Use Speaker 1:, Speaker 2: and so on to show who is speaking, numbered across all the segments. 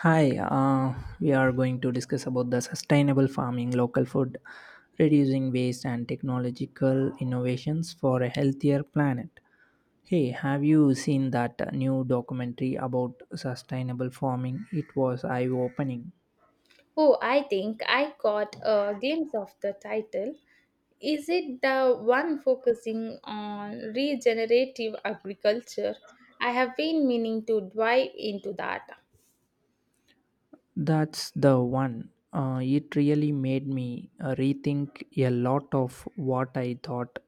Speaker 1: Hi, we are going to discuss about the sustainable farming, local food, reducing waste, and technological innovations for a healthier planet. Hey, have you seen that new documentary about sustainable farming? It was eye opening.
Speaker 2: Oh, I think I got a glimpse of the title. Is it the one focusing on regenerative agriculture? I have been meaning to dive into that.
Speaker 1: That's the one. It really made me rethink a lot of what I thought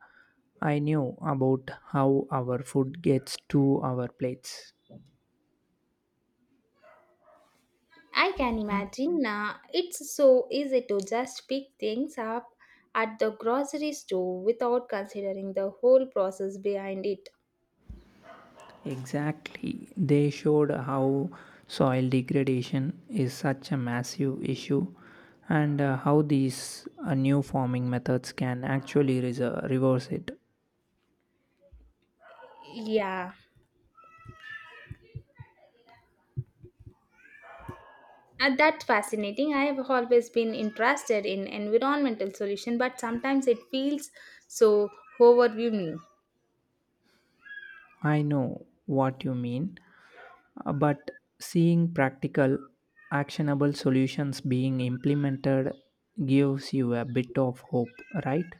Speaker 1: I knew about how our food gets to our plates.
Speaker 2: I can imagine, it's so easy to just pick things up at the grocery store without considering the whole process behind it.
Speaker 1: Exactly. They showed how soil degradation is such a massive issue and how these new farming methods can actually reverse it.
Speaker 2: Yeah. And that's fascinating. I have always been interested in environmental solution, but sometimes it feels so overwhelming.
Speaker 1: I know what you mean, but seeing practical, actionable solutions being implemented gives you a bit of hope, right?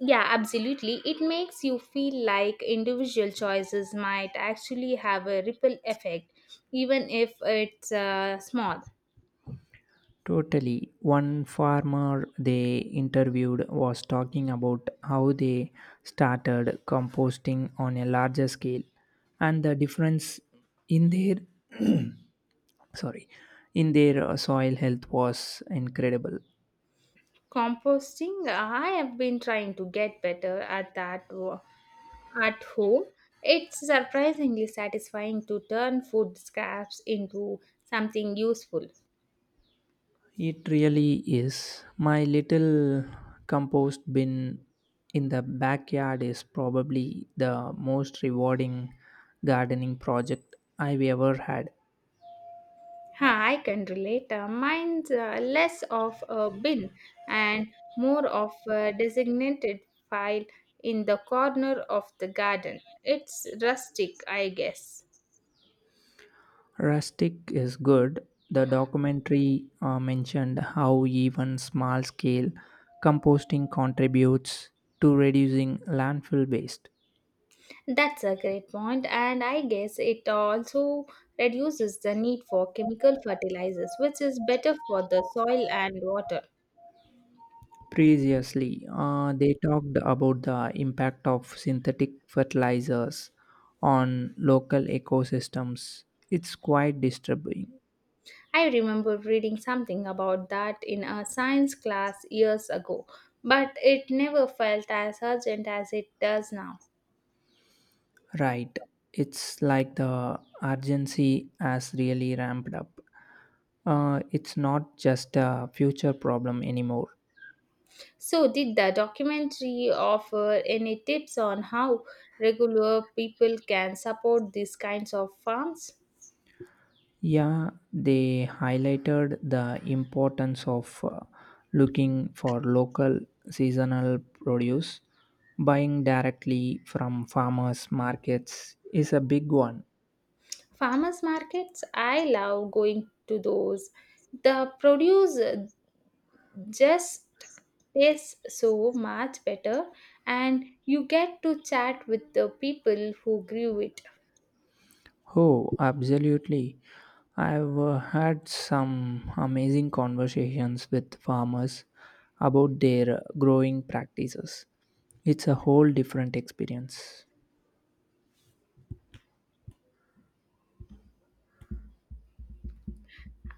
Speaker 2: Yeah, absolutely. It makes you feel like individual choices might actually have a ripple effect, even if it's, small.
Speaker 1: Totally. One farmer they interviewed was talking about how they started composting on a larger scale and the difference in their sorry in their soil health was incredible.
Speaker 2: Composting, I have been trying to get better at at home. It's surprisingly satisfying to turn food scraps into something useful.
Speaker 1: It really is. My little compost bin in the backyard is probably the most rewarding gardening project I've ever had.
Speaker 2: Huh, I can relate. Mine's less of a bin and more of a designated file in the corner of the garden. It's rustic, I guess.
Speaker 1: Rustic is good. The documentary mentioned how even small scale composting contributes to reducing landfill waste.
Speaker 2: That's a great point, and I guess it also reduces the need for chemical fertilizers, which is better for the soil and water.
Speaker 1: Previously, they talked about the impact of synthetic fertilizers on local ecosystems. It's quite disturbing.
Speaker 2: I remember reading something about that in a science class years ago, but it never felt as urgent as it does now.
Speaker 1: Right. It's like the urgency has really ramped up. It's not just a future problem anymore.
Speaker 2: So, did the documentary offer any tips on how regular people can support these kinds of farms?
Speaker 1: Yeah, they highlighted the importance of looking for local seasonal produce. Buying directly from farmers' markets is a big one.
Speaker 2: Farmers markets, I love going to those. The produce just tastes so much better, and you get to chat with the people who grew it.
Speaker 1: Oh, absolutely. I've had some amazing conversations with farmers about their growing practices. It's a whole different experience.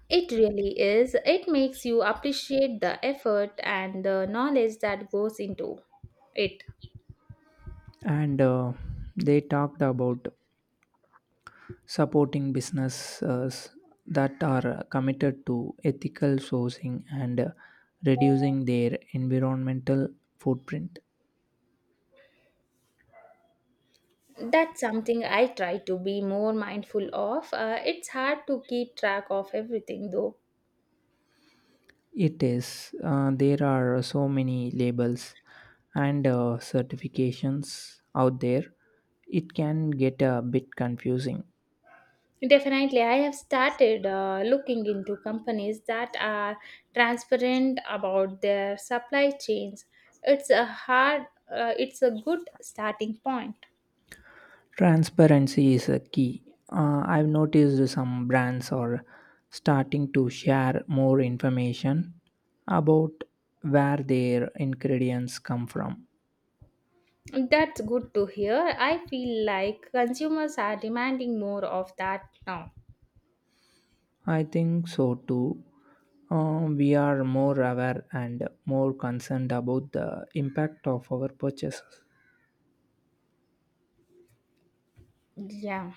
Speaker 2: It really is. It makes you appreciate the effort and the knowledge that goes into it.
Speaker 1: And they talked about supporting businesses that are committed to ethical sourcing and reducing their environmental footprint.
Speaker 2: That's something I try to be more mindful of. It's hard to keep track of everything though.
Speaker 1: It is, there are so many labels and certifications out there, it can get a bit confusing.
Speaker 2: Definitely, I have started looking into companies that are transparent about their supply chains. It's a hard it's a good starting point.
Speaker 1: Transparency is a key. I've noticed some brands are starting to share more information about where their ingredients come from.
Speaker 2: That's good to hear. I feel like consumers are demanding more of that now.
Speaker 1: I think so too. We are more aware and more concerned about the impact of our purchases.
Speaker 2: Yeah.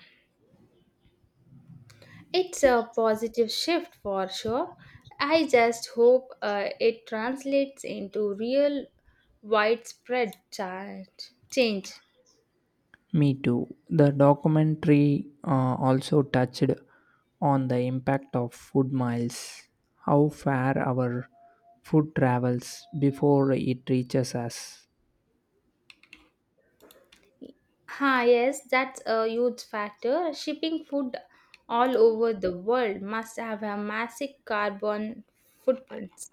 Speaker 2: It's a positive shift for sure. I just hope, it translates into real widespread change.
Speaker 1: Me too. The documentary also touched on the impact of food miles, how far our food travels before it reaches us.
Speaker 2: Ha, yes, that's a huge factor. Shipping food all over the world must have a massive carbon footprint.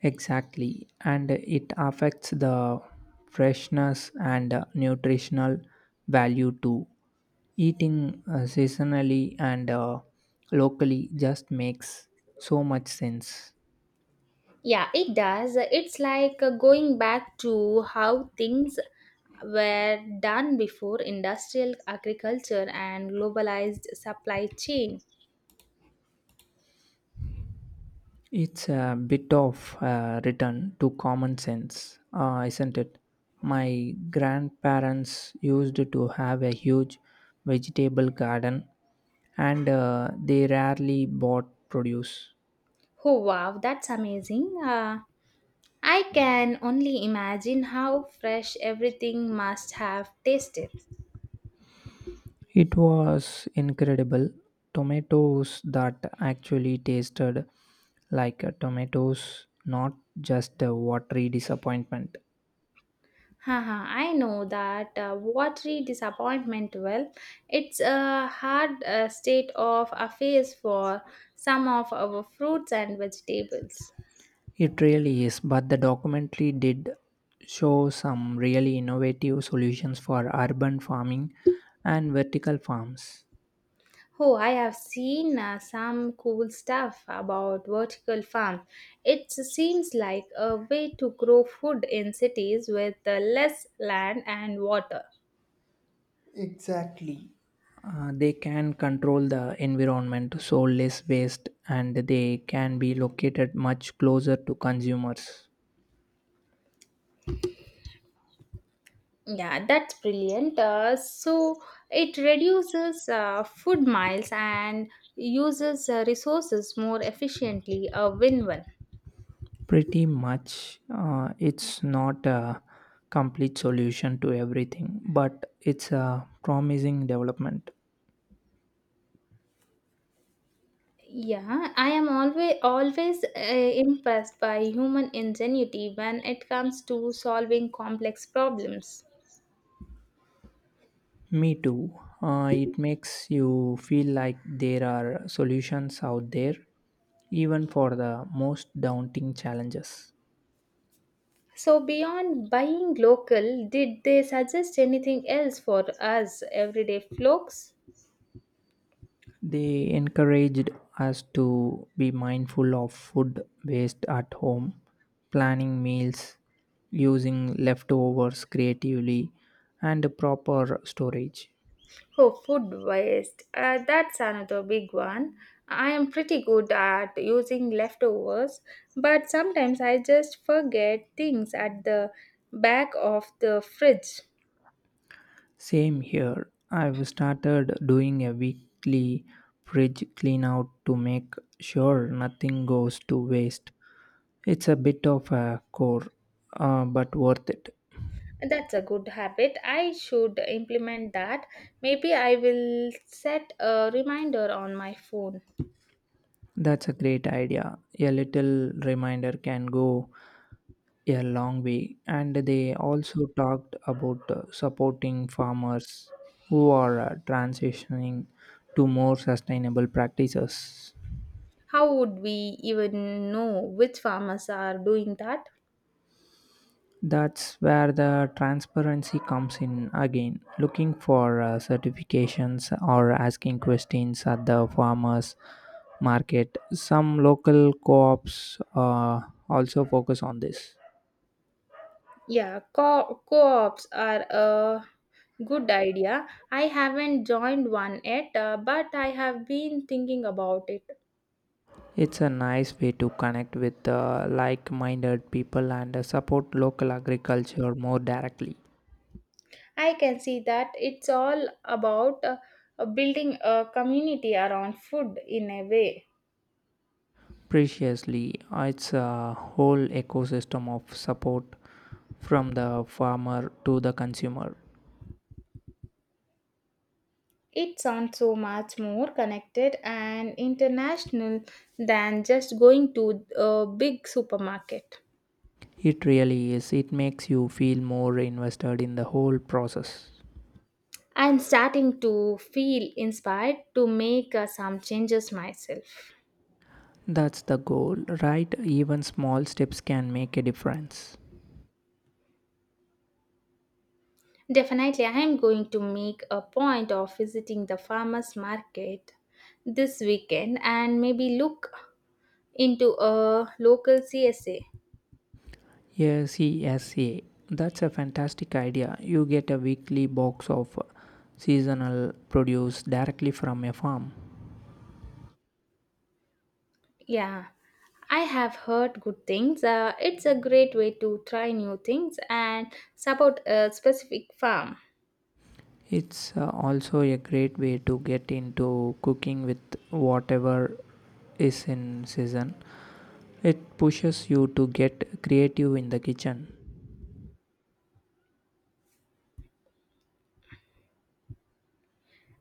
Speaker 1: Exactly, and it affects the freshness and nutritional value too. Eating seasonally and locally just makes so much sense.
Speaker 2: Yeah, it does. It's like, going back to how things were done before industrial agriculture and globalized supply chain.
Speaker 1: It's a bit of a return to common sense, isn't it? My grandparents used to have a huge vegetable garden and they rarely bought produce.
Speaker 2: Oh wow, that's amazing. I can only imagine how fresh everything must have tasted.
Speaker 1: It was incredible. Tomatoes that actually tasted like tomatoes, not just a watery disappointment.
Speaker 2: Haha, I know that watery disappointment. Well, it's a hard, state of affairs for some of our fruits and vegetables.
Speaker 1: It really is, but the documentary did show some really innovative solutions for urban farming and vertical farms.
Speaker 2: Oh, I have seen some cool stuff about vertical farm. It seems like a way to grow food in cities with less land and water.
Speaker 1: They can control the environment, so less waste, and they can be located much closer to consumers.
Speaker 2: Yeah, that's brilliant. So it reduces food miles and uses resources more efficiently. A win-win.
Speaker 1: Pretty much, it's not a complete solution to everything, but it's a promising development.
Speaker 2: Yeah, I am always impressed by human ingenuity when it comes to solving complex problems.
Speaker 1: Me too. It makes you feel like there are solutions out there, even for the most daunting challenges.
Speaker 2: So beyond buying local, did they suggest anything else for us everyday folks?
Speaker 1: They encouraged us to be mindful of food waste at home, planning meals, using leftovers creatively, and proper storage.
Speaker 2: Oh, food waste. That's another big one. I am pretty good at using leftovers, but sometimes I just forget things at the back of the fridge.
Speaker 1: Same here. I've started doing a weekly fridge clean out to make sure nothing goes to waste. It's a bit of a chore, but worth it.
Speaker 2: That's a good habit. I should implement that. Maybe I will set a reminder on my phone.
Speaker 1: That's a great idea. A little reminder can go a long way. And they also talked about supporting farmers who are transitioning to more sustainable practices.
Speaker 2: How would we even know which farmers are doing that?
Speaker 1: That's where the transparency comes in again. Looking for certifications or asking questions at the farmers market. Some local co ops also focus on this.
Speaker 2: Yeah, co-ops are a good idea. I haven't joined one yet, but I have been thinking about it.
Speaker 1: It's a nice way to connect with like minded people and support local agriculture more directly.
Speaker 2: I can see that it's all about building a community around food in a way.
Speaker 1: Preciously, it's a whole ecosystem of support from the farmer to the consumer.
Speaker 2: It sounds so much more connected and international than just going to a big supermarket.
Speaker 1: It really is. It makes you feel more invested in the whole process.
Speaker 2: I'm starting to feel inspired to make, some changes myself.
Speaker 1: That's the goal, right? Even small steps can make a difference.
Speaker 2: Definitely, I am going to make a point of visiting the farmers market this weekend and maybe look into a local CSA.
Speaker 1: Yes, yes, yeah. That's a fantastic idea. You get a weekly box of seasonal produce directly from a farm.
Speaker 2: Yeah, I have heard good things. It's a great way to try new things and support a specific farm.
Speaker 1: It's also a great way to get into cooking with whatever is in season. It pushes you to get creative in the kitchen.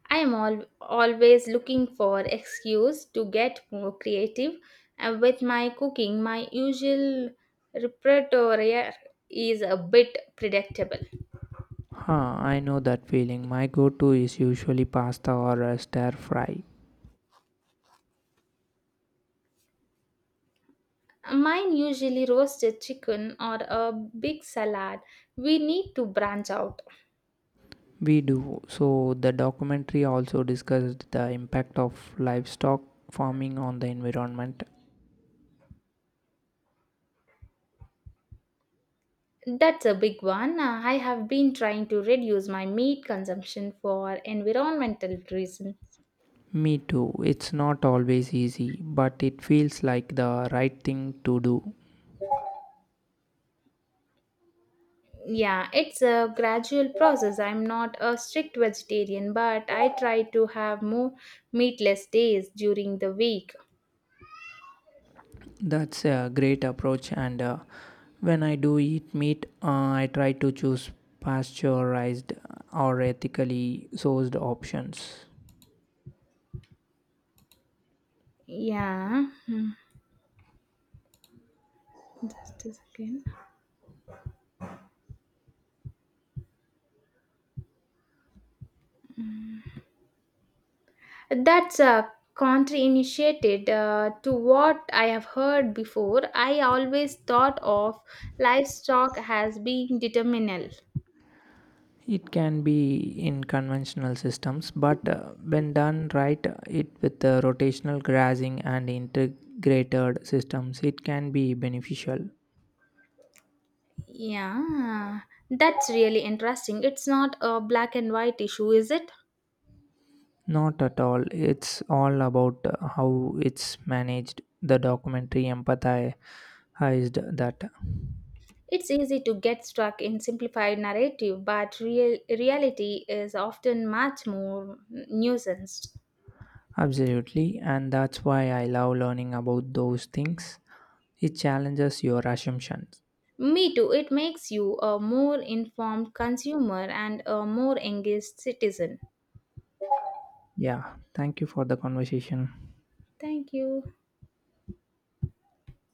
Speaker 2: I am always looking for excuse to get more creative with my cooking. My usual repertoire is a bit predictable.
Speaker 1: Huh, I know that feeling. My go to is usually pasta or a stir fry.
Speaker 2: Mine usually roasted chicken or a big salad. We need to branch out.
Speaker 1: We do. So, the documentary also discussed the impact of livestock farming on the environment.
Speaker 2: That's a big one. I have been trying to reduce my meat consumption for environmental reason.
Speaker 1: Me too. It's not always easy, but it feels like the right thing to do.
Speaker 2: Yeah, it's a gradual process. I'm not a strict vegetarian, but I try to have more meatless days during the week.
Speaker 1: That's a great approach, and when I do eat meat, I try to choose pasteurized or ethically sourced options.
Speaker 2: Yeah. Hmm. Just a second. That's a country initiated to what I have heard before. I always thought of livestock as being determinal.
Speaker 1: It can be in conventional systems, but when done right, it with rotational grazing and integrated systems, it can be beneficial.
Speaker 2: Yeah, that's really interesting. It's not a black and white issue, is it?
Speaker 1: Not at all. It's all about how it's managed. The documentary empathized that
Speaker 2: It's easy to get stuck in simplified narrative, but real reality is often much more nuanced.
Speaker 1: absolutely, and that's why I love learning about those things. It challenges your assumptions.
Speaker 2: Me too. It makes you a more informed consumer and a more engaged citizen.
Speaker 1: Yeah, thank you for the conversation.
Speaker 2: Thank you.